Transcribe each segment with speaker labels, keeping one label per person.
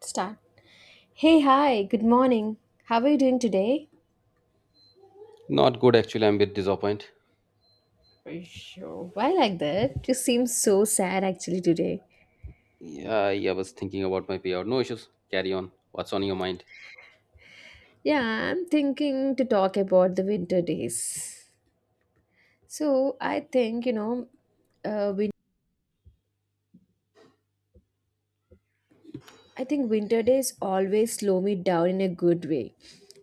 Speaker 1: Start. Hey, hi, good morning. How are you doing today?
Speaker 2: Not good actually. I'm a bit disappointed.
Speaker 1: Sure. Why like that? You seem so sad actually today.
Speaker 2: Yeah, I was thinking about my payout. No issues. Carry on. What's on your mind?
Speaker 1: Yeah, I'm thinking to talk about the winter days. So I think, you know, we. I think winter days always slow me down in a good way.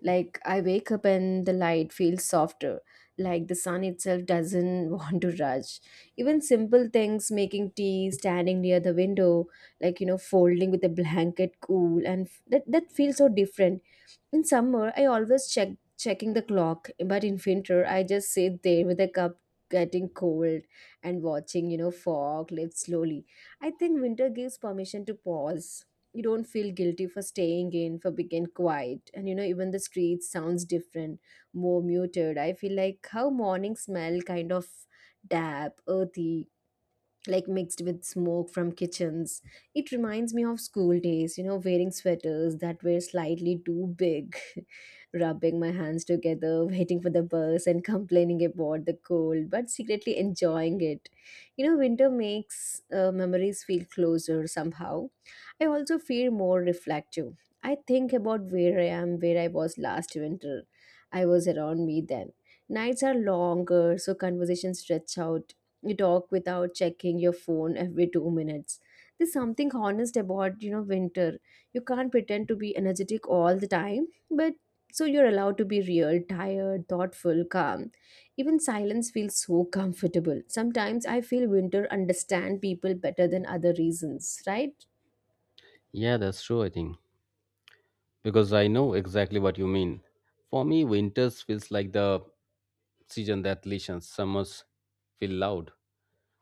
Speaker 1: Like I wake up and the light feels softer, like the sun itself doesn't want to rush. Even simple things, making tea, standing near the window, like you know, folding with a blanket, cool, and that feels so different. In summer, I always checking the clock, but in winter, I just sit there with a cup, getting cold, and watching you know fog lift slowly. I think winter gives permission to pause. You don't feel guilty for staying in, for being quiet, and you know even the street sounds different, more muted. I feel like how morning smell, kind of damp, earthy, like mixed with smoke from kitchens. It reminds me of school days, you know, wearing sweaters that were slightly too big, rubbing my hands together, waiting for the bus, and complaining about the cold, but secretly enjoying it. You know, winter makes memories feel closer somehow. I also feel more reflective. I think about where I am, where I was last winter. I was around me then. Nights are longer, so conversations stretch out. You talk without checking your phone every 2 minutes. There's something honest about you know winter. You can't pretend to be energetic all the time, but so you're allowed to be real, tired, thoughtful, calm. Even silence feels so comfortable. Sometimes I feel winter understand people better than other reasons, right?
Speaker 2: Yeah, that's true, I think. Because I know exactly what you mean. For me, winters feels like the season that listens. Summers feel loud,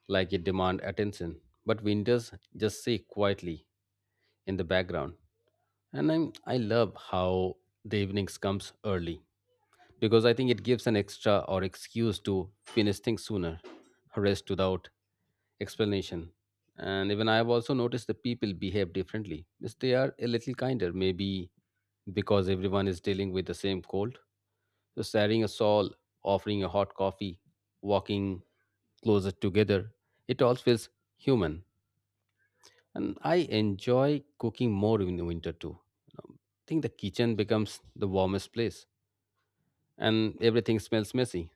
Speaker 2: like it demand attention. But winters just say quietly in the background. I love how the evenings comes early. Because I think it gives an extra or excuse to finish things sooner, rest without explanation. And even I have also noticed that people behave differently. Yes, they are a little kinder, maybe because everyone is dealing with the same cold. So sharing a shawl, offering a hot coffee, walking closer together, it all feels human. And I enjoy cooking more in the winter too. I think the kitchen becomes the warmest place and everything smells messy.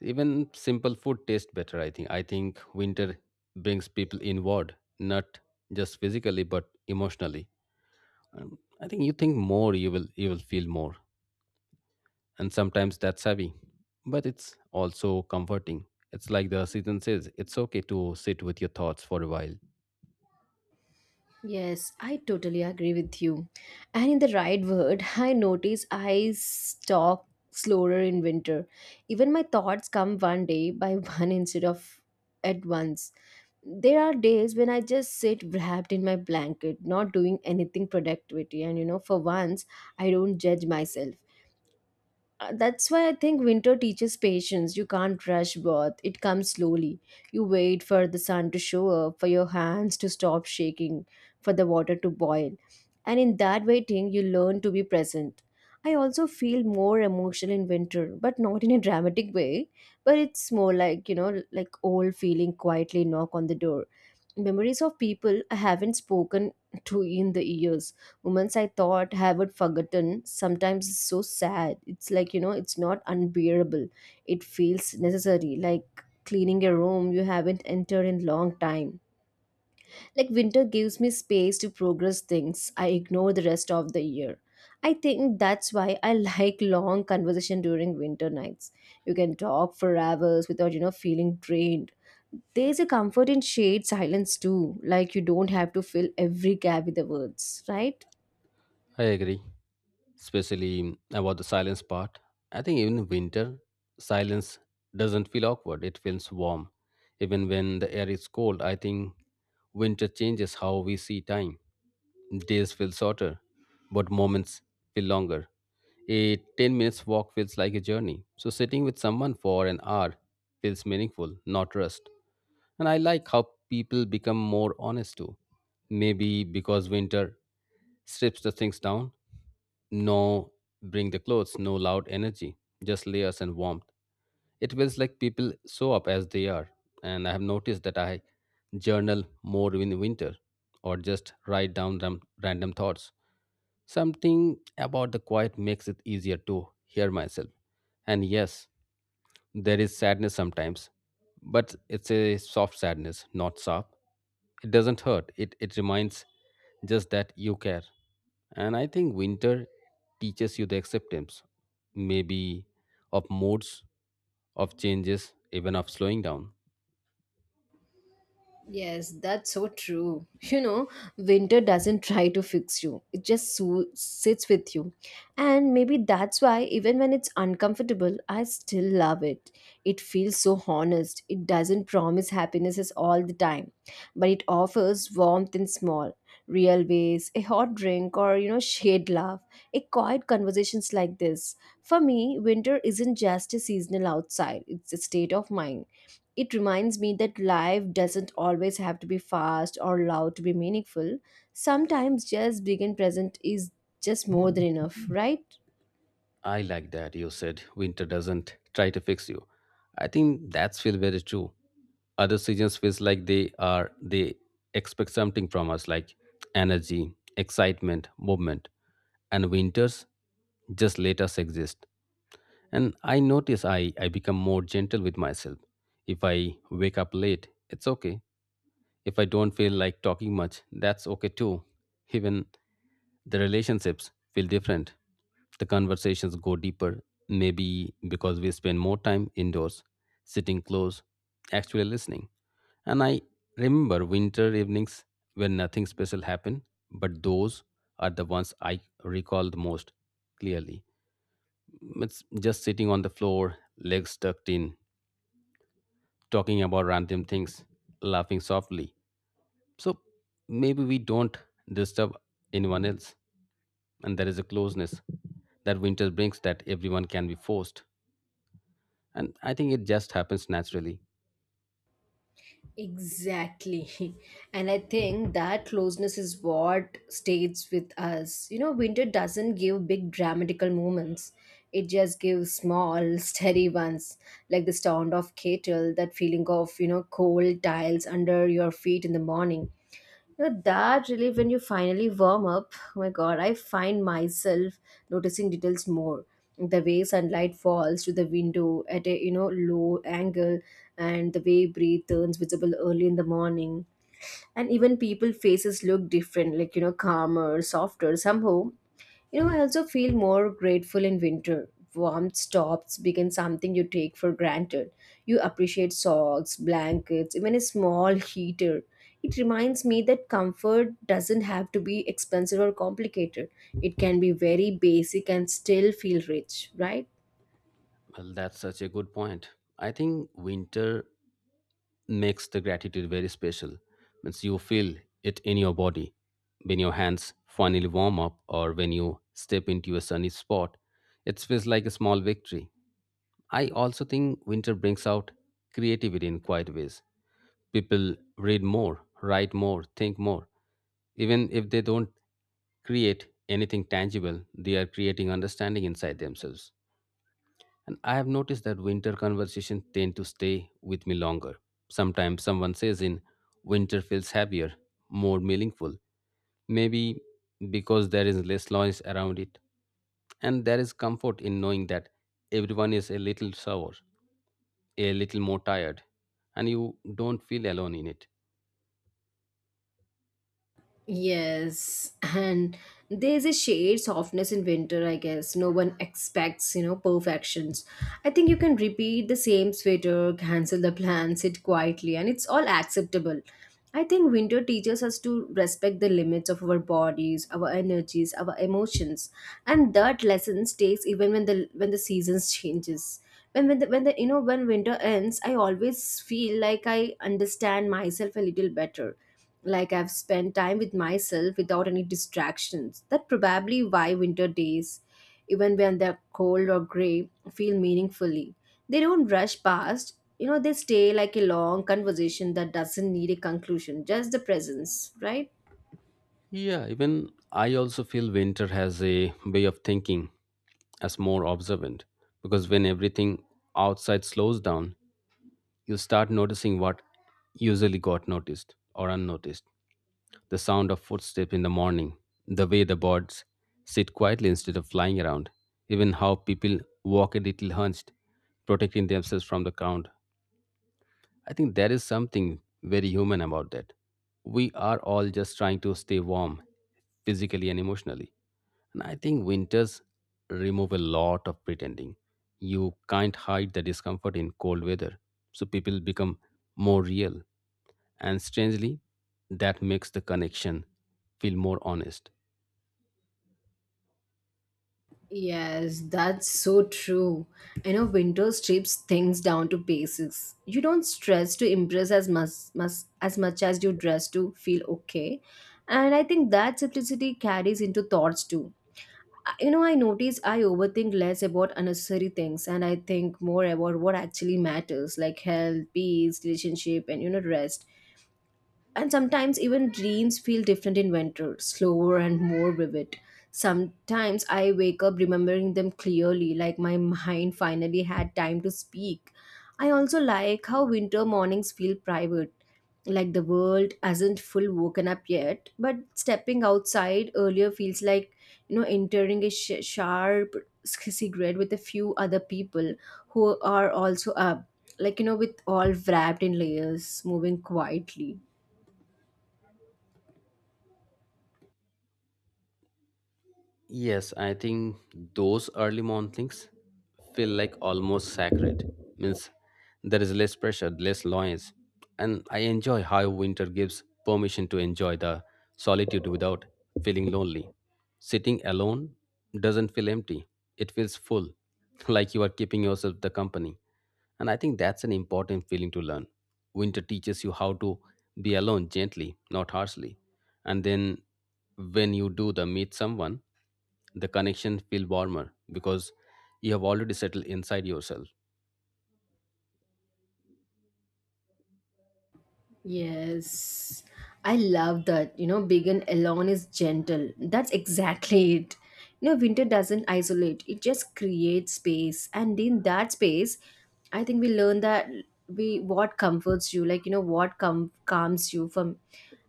Speaker 2: Even simple food tastes better, I think. I think winter brings people inward, not just physically but emotionally. And I think you think more, you will feel more. And sometimes that's heavy. But it's also comforting. It's like the season says, it's okay to sit with your thoughts for a while.
Speaker 1: Yes, I totally agree with you. And in the right word, I notice I talk slower in winter. Even my thoughts come one day by one instead of at once. There are days when I just sit wrapped in my blanket, not doing anything productivity, and you know, for once, I don't judge myself. That's why I think winter teaches patience. You can't rush birth. It comes slowly. You wait for the sun to show up, for your hands to stop shaking, for the water to boil. And in that waiting, you learn to be present. I also feel more emotional in winter, but not in a dramatic way. But it's more like, you know, like old feeling quietly knock on the door, memories of people I haven't spoken to in the years, moments I thought I had forgotten. Sometimes it's so sad. It's like, you know, it's not unbearable. It feels necessary, like cleaning a room you haven't entered in long time. Like winter gives me space to progress things I ignore the rest of the year. I think that's why I like long conversation during winter nights. You can talk for hours without, you know, feeling drained. There's a comfort in shade, silence too, like you don't have to fill every gap with the words, right?
Speaker 2: I agree, especially about the silence part. I think even in winter, silence doesn't feel awkward, it feels warm. Even when the air is cold, I think winter changes how we see time. Days feel shorter, but moments feel longer. A 10 minutes walk feels like a journey. So sitting with someone for an hour feels meaningful, not rushed. And I like how people become more honest too. Maybe because winter strips the things down. No bring the clothes, no loud energy, just layers and warmth. It feels like people show up as they are. And I have noticed that I journal more in winter or just write down random thoughts. Something about the quiet makes it easier to hear myself. And yes, there is sadness sometimes, but it's a soft sadness, not sharp. It doesn't hurt. It reminds just that you care. And I think winter teaches you the acceptance, maybe of moods, of changes, even of slowing down.
Speaker 1: Yes, that's so true. You know, winter doesn't try to fix you, it just sits with you. And maybe that's why, even when it's uncomfortable, I still love it. It feels so honest. It doesn't promise happiness is all the time, but it offers warmth in small, real ways, a hot drink or, you know, shade laugh, a quiet conversations like this. For me, winter isn't just a seasonal outside, it's a state of mind. It reminds me that life doesn't always have to be fast or loud to be meaningful. Sometimes just being and present is just more than enough, right?
Speaker 2: I like that you said winter doesn't try to fix you. I think that's feel very true. Other seasons feels like they expect something from us like energy, excitement, movement. And winters just let us exist. And I notice I become more gentle with myself. If I wake up late, it's okay. If I don't feel like talking much, that's okay too. Even the relationships feel different. The conversations go deeper, maybe because we spend more time indoors, sitting close, actually listening. And I remember winter evenings when nothing special happened, but those are the ones I recall the most clearly. It's just sitting on the floor, legs tucked in, talking about random things, laughing softly. So maybe we don't disturb anyone else, and there is a closeness that winter brings that everyone can be forced. And I think it just happens naturally.
Speaker 1: Exactly. And I think that closeness is what stays with us. You know, winter doesn't give big dramatical moments. It just gives small, steady ones, like the sound of kettle, that feeling of, you know, cold tiles under your feet in the morning. You know, that relief when you finally warm up. Oh my god, I find myself noticing details more. The way sunlight falls to the window at a you know low angle, and the way breeze turns visible early in the morning, and even people faces look different, like you know calmer, softer somehow. You know, I also feel more grateful in winter. Warmth stops become something you take for granted. You appreciate socks, blankets, even a small heater. It reminds me that comfort doesn't have to be expensive or complicated. It can be very basic and still feel rich, right?
Speaker 2: Well, that's such a good point. I think winter makes the gratitude very special. Means you feel it in your body when your hands finally warm up or when you step into a sunny spot. It feels like a small victory. I also think winter brings out creativity in quiet ways. People read more, write more, think more. Even if they don't create anything tangible, they are creating understanding inside themselves. And I have noticed that winter conversations tend to stay with me longer. Sometimes someone says in winter feels heavier, more meaningful, maybe because there is less noise around it. And there is comfort in knowing that everyone is a little sour, a little more tired, and you don't feel alone in it.
Speaker 1: Yes, and there's a shade softness in winter, I guess. No one expects, you know, perfections. I think you can repeat the same sweater, cancel the plan, sit quietly, and it's all acceptable. I think winter teaches us to respect the limits of our bodies, our energies, our emotions, and that lesson stays even when the seasons changes. When the you know when winter ends, I always feel like I understand myself a little better, like I've spent time with myself without any distractions. That probably why winter days, even when they're cold or gray, feel meaningfully. They don't rush past. You know, they stay like a long conversation that doesn't need a conclusion, just the presence, right?
Speaker 2: Yeah, even I also feel winter has a way of thinking as more observant because when everything outside slows down, you start noticing what usually got noticed or unnoticed. The sound of footsteps in the morning, the way the birds sit quietly instead of flying around, even how people walk a little hunched, protecting themselves from the crowd. I think there is something very human about that. We are all just trying to stay warm physically and emotionally. And I think winters remove a lot of pretending. You can't hide the discomfort in cold weather, so people become more real. And strangely, that makes the connection feel more honest.
Speaker 1: Yes, that's so true. You know, winter strips things down to basics. You don't stress to impress as much as much as you dress to feel okay. And I think that simplicity carries into thoughts too. You know, I notice I overthink less about unnecessary things, and I think more about what actually matters, like health, peace, relationship, and you know rest. And sometimes even dreams feel different in winter, slower and more vivid. Sometimes I wake up remembering them clearly, like my mind finally had time to speak. I also like how winter mornings feel private, like the world hasn't full woken up yet, but stepping outside earlier feels like, you know, entering a sharp cigarette with a few other people who are also up, like, you know, with all wrapped in layers, moving quietly.
Speaker 2: Yes, I think those early mornings feel like almost sacred. Means there is less pressure, less noise, and I enjoy how winter gives permission to enjoy the solitude without feeling lonely. Sitting alone doesn't feel empty; it feels full, like you are keeping yourself the company. And I think that's an important feeling to learn. Winter teaches you how to be alone gently, not harshly. And then when you do the meet someone, the connection feel warmer because you have already settled inside yourself.
Speaker 1: Yes, I love that. You know, vegan alone is gentle. That's exactly it. You know, winter doesn't isolate, it just creates space. And in that space, I think we learn that we what comforts you, like, you know, what calms you from.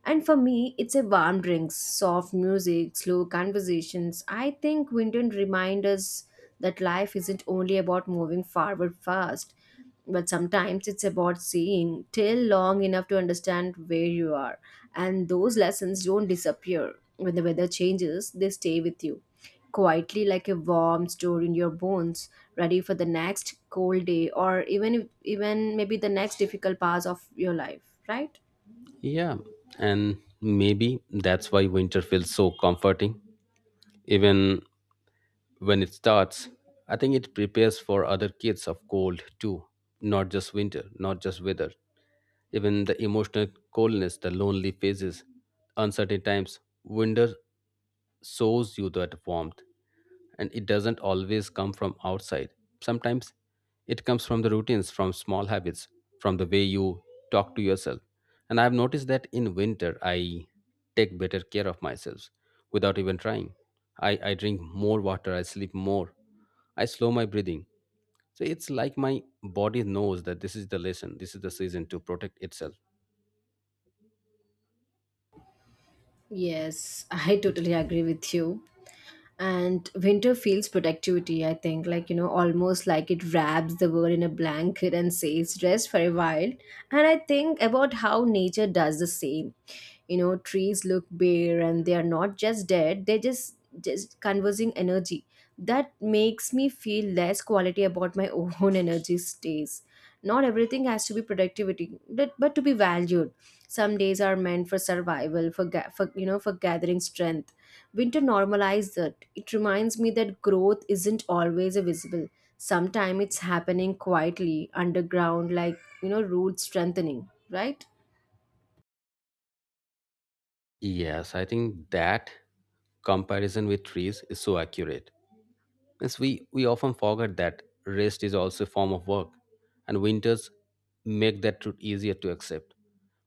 Speaker 1: And for me, it's a warm drinks, soft music, slow conversations. I think winter reminds us that life isn't only about moving forward fast, but sometimes it's about seeing till long enough to understand where you are. And those lessons don't disappear when the weather changes. They stay with you quietly, like a warm store in your bones, ready for the next cold day, or even if, even maybe the next difficult pass of your life, right?
Speaker 2: Yeah, and maybe that's why winter feels so comforting, even when it starts. I think it prepares for other kids of cold too, not just winter, not just weather, even the emotional coldness, the lonely phases, uncertain times. Winter shows you that warmth, and it doesn't always come from outside. Sometimes it comes from the routines, from small habits, from the way you talk to yourself. And I've noticed that in winter, I take better care of myself without even trying. I drink more water, I sleep more, I slow my breathing. So it's like my body knows that this is the lesson, this is the season to protect itself.
Speaker 1: Yes, I totally agree with you. And winter feels productivity I think, like you know, almost like it wraps the world in a blanket and says rest for a while. And I think about how nature does the same. You know, trees look bare and they are not just dead, they're just conversing energy. That makes me feel less quality about my own energy stays. Not everything has to be productivity, but to be valued. Some days are meant for survival, for you know for gathering strength. Winter normalized it. It reminds me that growth isn't always a visible. Sometimes it's happening quietly, underground, like, you know, roots strengthening, right?
Speaker 2: Yes, I think that comparison with trees is so accurate. Yes, we often forget that rest is also a form of work, and winters make that truth easier to accept.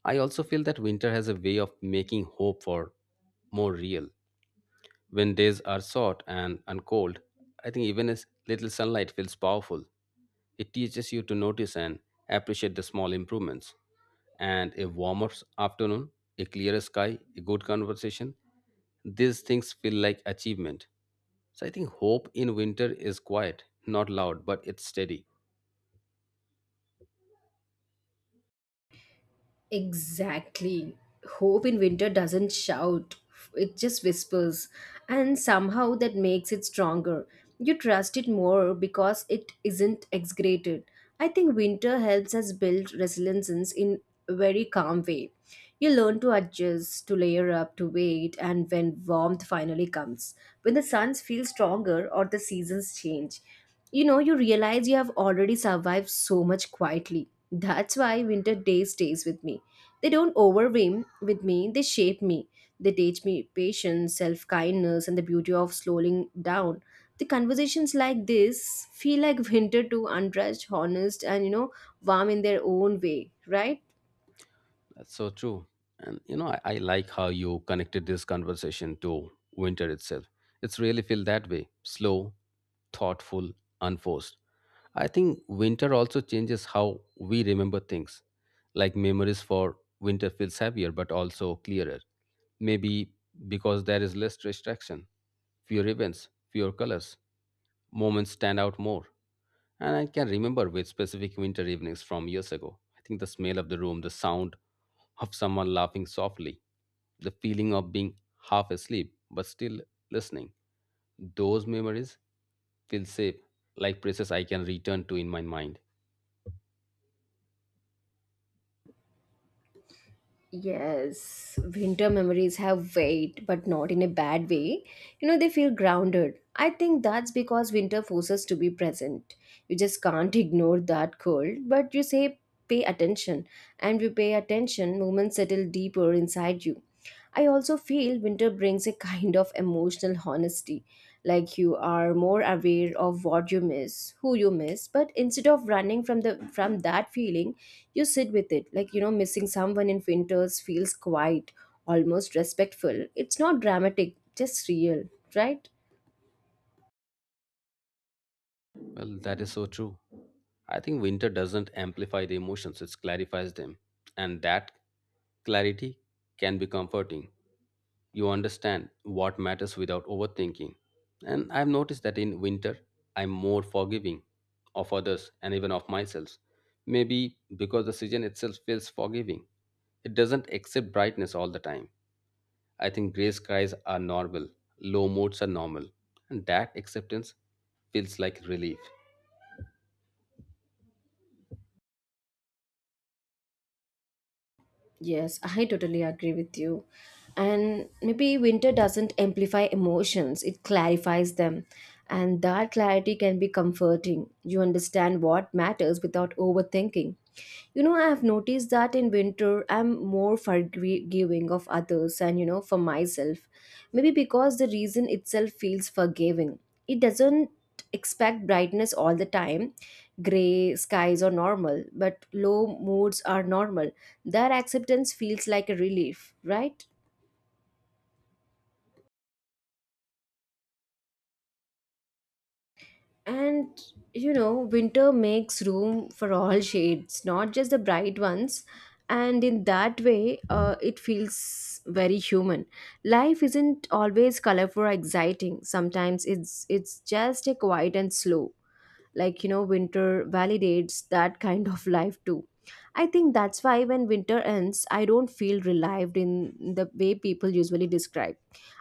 Speaker 2: I also feel that winter has a way of making hope for more real. When days are short and cold, I think even a little sunlight feels powerful. It teaches you to notice and appreciate the small improvements. And a warmer afternoon, a clearer sky, a good conversation, these things feel like achievement. So I think hope in winter is quiet, not loud, but it's steady.
Speaker 1: Exactly. Hope in winter doesn't shout, it just whispers. And somehow that makes it stronger. You trust it more because it isn't exaggerated. I think winter helps us build resilience in a very calm way. You learn to adjust, to layer up, to wait, and when warmth finally comes. When the suns feel stronger or the seasons change, you know you realize you have already survived so much quietly. That's why winter days stays with me. They don't overwhelm with me, they shape me. They teach me patience, self-kindness, and the beauty of slowing down. The conversations like this feel like winter to, untouched, honest, and you know, warm in their own way, right?
Speaker 2: That's so true. And you know, I like how you connected this conversation to winter itself. It's really feel that way. Slow, thoughtful, unforced. I think winter also changes how we remember things. Like memories for winter feels heavier but also clearer. Maybe because there is less distraction, fewer events, fewer colors. Moments stand out more. And I can remember with specific winter evenings from years ago. I think the smell of the room, the sound of someone laughing softly, the feeling of being half asleep but still listening. Those memories feel safe, like places I can return to in my mind.
Speaker 1: Yes, winter memories have weight, but not in a bad way. You know, they feel grounded. I think that's because winter forces to be present. You just can't ignore that cold, but you say pay attention, and you pay attention, moments settle deeper inside you. I also feel winter brings a kind of emotional honesty, like you are more aware of what you miss, who you miss, but instead of running from that feeling, you sit with it. Like you know, missing someone in winters feels quiet, almost respectful. It's not dramatic, just real, right?
Speaker 2: Well, that is so true. I think winter doesn't amplify the emotions, it clarifies them. And that clarity can be comforting. You understand what matters without overthinking. And I've noticed that in winter, I'm more forgiving of others and even of myself. Maybe because the season itself feels forgiving. It doesn't accept brightness all the time. I think gray skies are normal, low moods are normal, and that acceptance feels like relief.
Speaker 1: Yes, I totally agree with you. And maybe winter doesn't amplify emotions, it clarifies them. And that clarity can be comforting. You understand what matters without overthinking. You know, I have noticed that in winter, I'm more forgiving of others and, you know, for myself. Maybe because the reason itself feels forgiving. It doesn't expect brightness all the time. Gray skies are normal, but low moods are normal. Their acceptance feels like a relief, right? And you know, winter makes room for all shades, not just the bright ones. And in that way, it feels very human. Life isn't always colorful or exciting. Sometimes it's just a quiet and slow, like, you know, winter validates that kind of life too. I think that's why when winter ends, I don't feel relieved in the way people usually describe.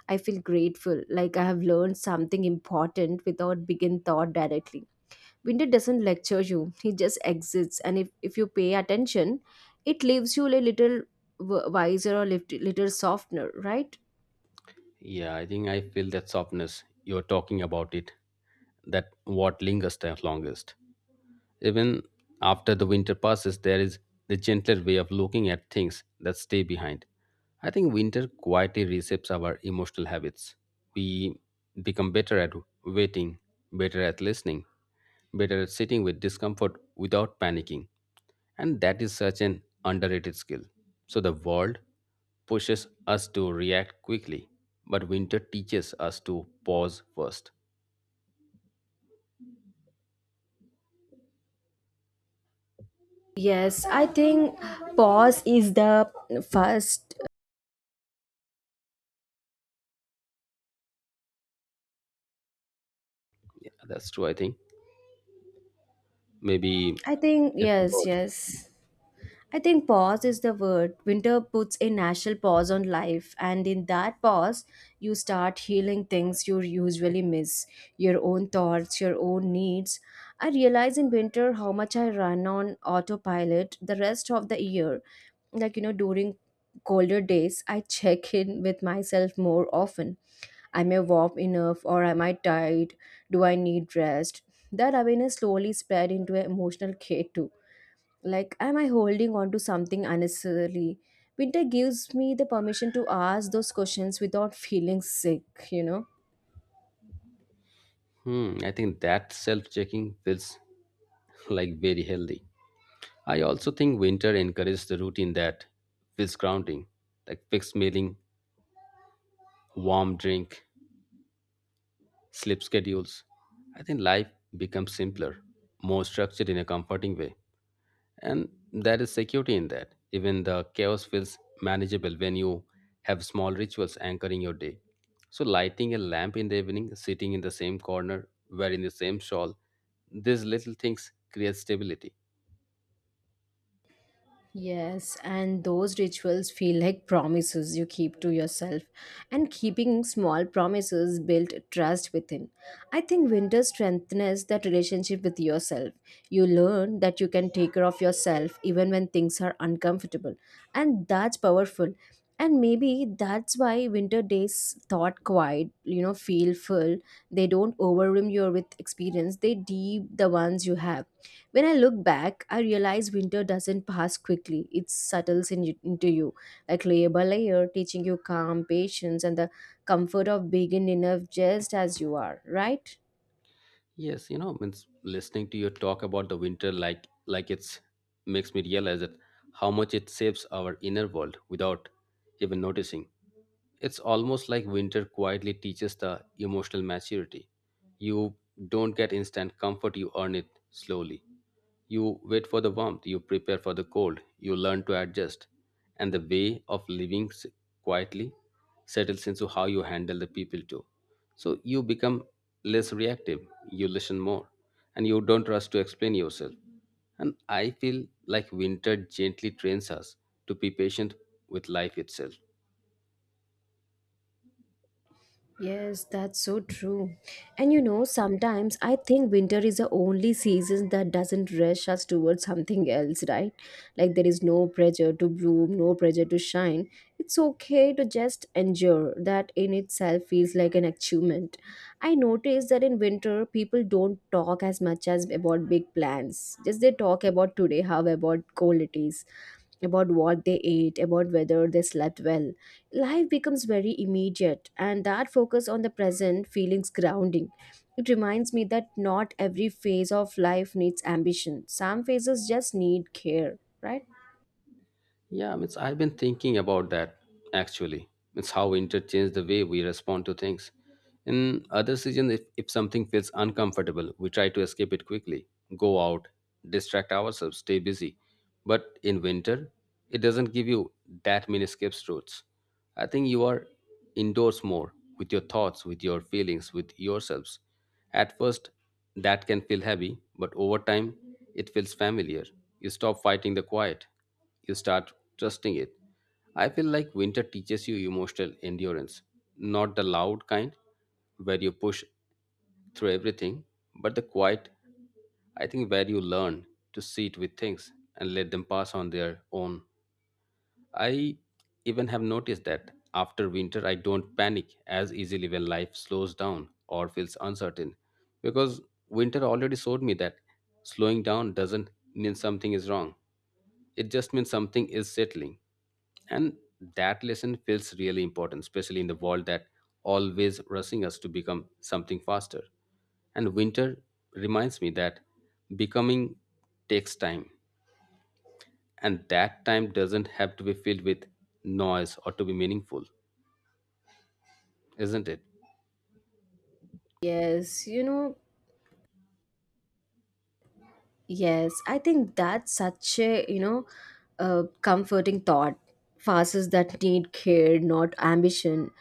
Speaker 1: I feel grateful, like I have learned something important without begin thought directly. Winter doesn't lecture you, he just exists, and if you pay attention, it leaves you a little wiser or little softener, right?
Speaker 2: Yeah, I think I feel that softness. You're talking about it. That what lingers the longest. Even after the winter passes, there is the gentler way of looking at things that stay behind. I think winter quietly reshapes our emotional habits. We become better at waiting, better at listening, better at sitting with discomfort without panicking. And that is such an underrated skill. So the world pushes us to react quickly, but winter teaches us to pause first.
Speaker 1: Yes, I think pause is the first.
Speaker 2: Yeah, that's true, I think. Maybe
Speaker 1: I think
Speaker 2: it's the
Speaker 1: yes,
Speaker 2: word.
Speaker 1: yes. I think pause is the word. Winter puts a natural pause on life, and in that pause, you start healing things you usually miss, your own thoughts, your own needs. I realize in winter how much I run on autopilot the rest of the year. Like, you know, during colder days, I check in with myself more often. Am I warm enough or am I tired? Do I need rest? That awareness slowly spread into an emotional care too, like, am I holding on to something unnecessarily? Winter gives me the permission to ask those questions without feeling sick, you know?
Speaker 2: Hmm, I think that self checking feels like very healthy. I also think winter encourages the routine that feels grounding, like fixed mealing, warm drink, sleep schedules. I think life becomes simpler, more structured in a comforting way. And there is security in that. Even the chaos feels manageable when you have small rituals anchoring your day. So, lighting a lamp in the evening, sitting in the same corner, wearing the same shawl, these little things create stability.
Speaker 1: Yes, and those rituals feel like promises you keep to yourself. And keeping small promises build trust within. I think winter strengthens that relationship with yourself. You learn that you can take care of yourself even when things are uncomfortable. And that's powerful. And maybe that's why winter days thought quiet, you know, feel full. They don't overwhelm you with experience. They deep the ones you have. When I look back, I realize winter doesn't pass quickly. It settles in you, into you, like layer by layer, teaching you calm, patience, and the comfort of being enough just as you are, right?
Speaker 2: Yes, you know, means listening to your talk about the winter like it's makes me realize that how much it shapes our inner world without even noticing. It's almost like winter quietly teaches the emotional maturity. You don't get instant comfort, you earn it slowly. You wait for the warmth, you prepare for the cold, you learn to adjust. And the way of living quietly settles into how you handle the people too. So you become less reactive, you listen more, and you don't rush to explain yourself. And I feel like winter gently trains us to be patient with life itself.
Speaker 1: Yes, that's so true. And you know, sometimes I think winter is the only season that doesn't rush us towards something else, right? Like there is no pressure to bloom, no pressure to shine. It's okay to just endure. That in itself feels like an achievement. I noticed that in winter, people don't talk as much as about big plans. Just they talk about today, how about cold it is, about what they ate, about whether they slept well. Life becomes very immediate, and that focus on the present feelings grounding. It reminds me that not every phase of life needs ambition. Some phases just need care, right?
Speaker 2: Yeah, I mean, I've been thinking about that actually. It's how interchange the way we respond to things. In other seasons, if something feels uncomfortable, we try to escape it quickly, go out, distract ourselves, stay busy. But in winter, it doesn't give you that many escape routes. I think you are indoors more with your thoughts, with your feelings, with yourselves. At first, that can feel heavy, but over time, it feels familiar. You stop fighting the quiet, you start trusting it. I feel like winter teaches you emotional endurance, not the loud kind where you push through everything, but the quiet, I think, where you learn to sit with things and let them pass on their own. I even have noticed that after winter, I don't panic as easily when life slows down or feels uncertain, because winter already showed me that slowing down doesn't mean something is wrong. It just means something is settling. And that lesson feels really important, especially in the world that always rushing us to become something faster. And winter reminds me that becoming takes time, and that time doesn't have to be filled with noise or to be meaningful, isn't it?
Speaker 1: Yes, you know, yes, I think that's such a, you know, comforting thought. Farces that need care, not ambition.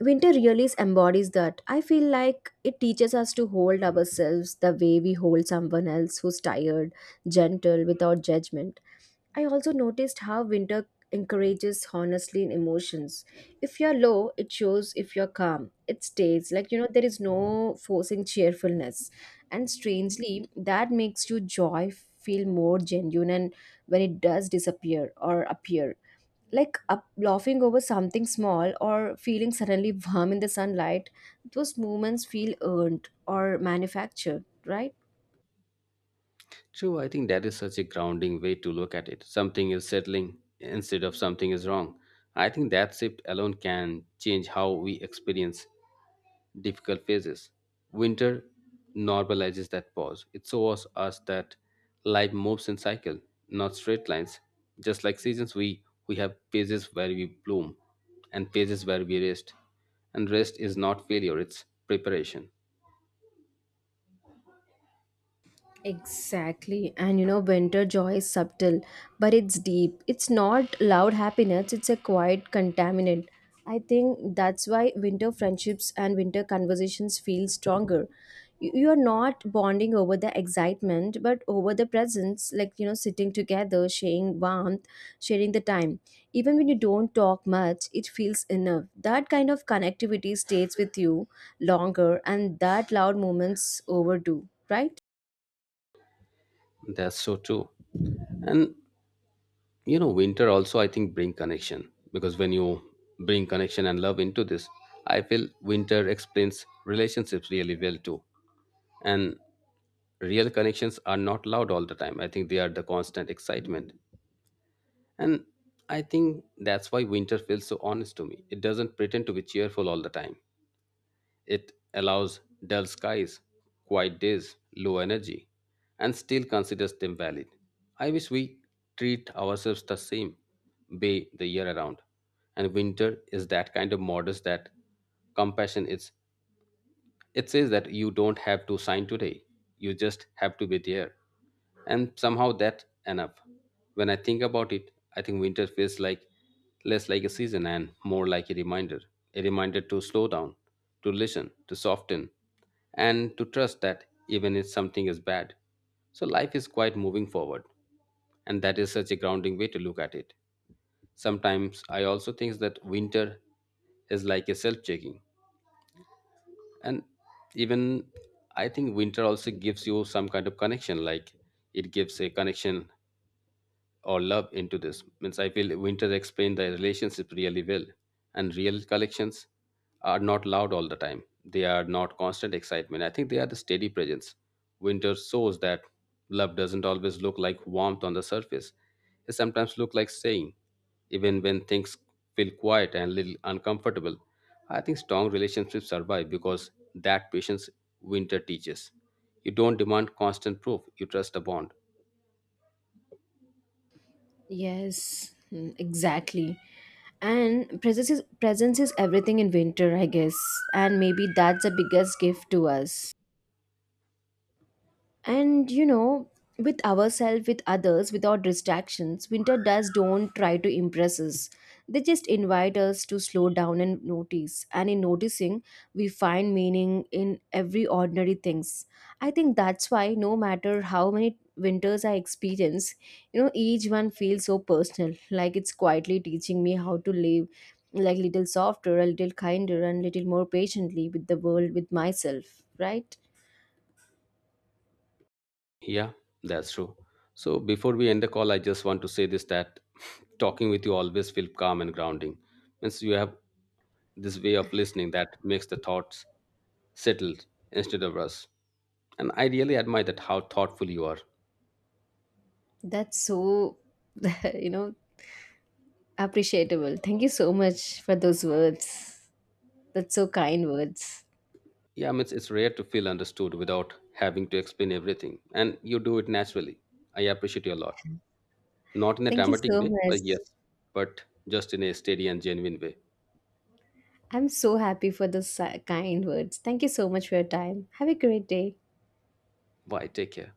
Speaker 1: Winter really embodies that. I feel like it teaches us to hold ourselves the way we hold someone else who's tired, gentle, without judgment. I also noticed how winter encourages honestly in emotions. If you're low, it shows. If you're calm, it stays. Like, you know, there is no forcing cheerfulness. And strangely, that makes you joy feel more genuine and when it does disappear or appear. Like up, laughing over something small or feeling suddenly warm in the sunlight, those moments feel earned or manufactured, right?
Speaker 2: True, I think that is such a grounding way to look at it. Something is settling instead of something is wrong. I think that shift alone can change how we experience difficult phases. Winter normalizes that pause. It shows us that life moves in cycle, not straight lines. Just like seasons, we have phases where we bloom and phases where we rest. And rest is not failure, it's preparation.
Speaker 1: Exactly. And you know, winter joy is subtle, but it's deep. It's not loud happiness, it's a quiet contaminant. I think that's why winter friendships and winter conversations feel stronger. You are not bonding over the excitement, but over the presence, like, you know, sitting together, sharing warmth, sharing the time. Even when you don't talk much, it feels enough. That kind of connectivity stays with you longer, and that loud moments overdo, right?
Speaker 2: That's so true. And you know, winter also, I think, bring connection, because when you bring connection and love into this, I feel winter explains relationships really well too. And real connections are not loud all the time, I think they are the constant excitement. And I think that's why winter feels so honest to me. It doesn't pretend to be cheerful all the time. It allows dull skies, quiet days, low energy, and still considers them valid. I wish we treat ourselves the same way the year around. And winter is that kind of modest, that compassion is, it says that you don't have to sign today, you just have to be there. And somehow that's enough. When I think about it, I think winter feels like less like a season and more like a reminder, a reminder to slow down, to listen, to soften, and to trust that even if something is bad. So life is quite moving forward, and that is such a grounding way to look at it. Sometimes I also think that winter is like a self checking. And even, I think winter also gives you some kind of connection, like it gives a connection or love into this, means I feel winter explained the relationship really well. And real collections are not loud all the time, they are not constant excitement, I think they are the steady presence. Winter shows that love doesn't always look like warmth on the surface. It sometimes looks like staying even when things feel quiet and a little uncomfortable. I think strong relationships survive because that patience winter teaches. You don't demand constant proof, you trust a bond.
Speaker 1: Yes, mm, exactly. And presence is everything in winter, I guess. And maybe that's the biggest gift to us, and you know, with ourselves, with others, without distractions. Winter does don't try to impress us, they just invite us to slow down and notice, and in noticing we find meaning in every ordinary things. I think that's why no matter how many winters I experience, you know, each one feels so personal, like it's quietly teaching me how to live, like little softer, a little kinder, and little more patiently with the world, with myself, right?
Speaker 2: Yeah, that's true. So before we end the call, I just want to say this, that talking with you always feel calm and grounding. Means you have this way of listening that makes the thoughts settled instead of rushed. And I really admire that how thoughtful you are.
Speaker 1: That's so, you know, appreciable. Thank you so much for those words. That's so kind words.
Speaker 2: Yeah, means it's rare to feel understood without having to explain everything. And you do it naturally. I appreciate you a lot. Not in a
Speaker 1: Thank you
Speaker 2: dramatic
Speaker 1: so
Speaker 2: way,
Speaker 1: much.
Speaker 2: but yes, but just in a steady and genuine way.
Speaker 1: I'm so happy for those kind words. Thank you so much for your time. Have a great day.
Speaker 2: Bye, take care.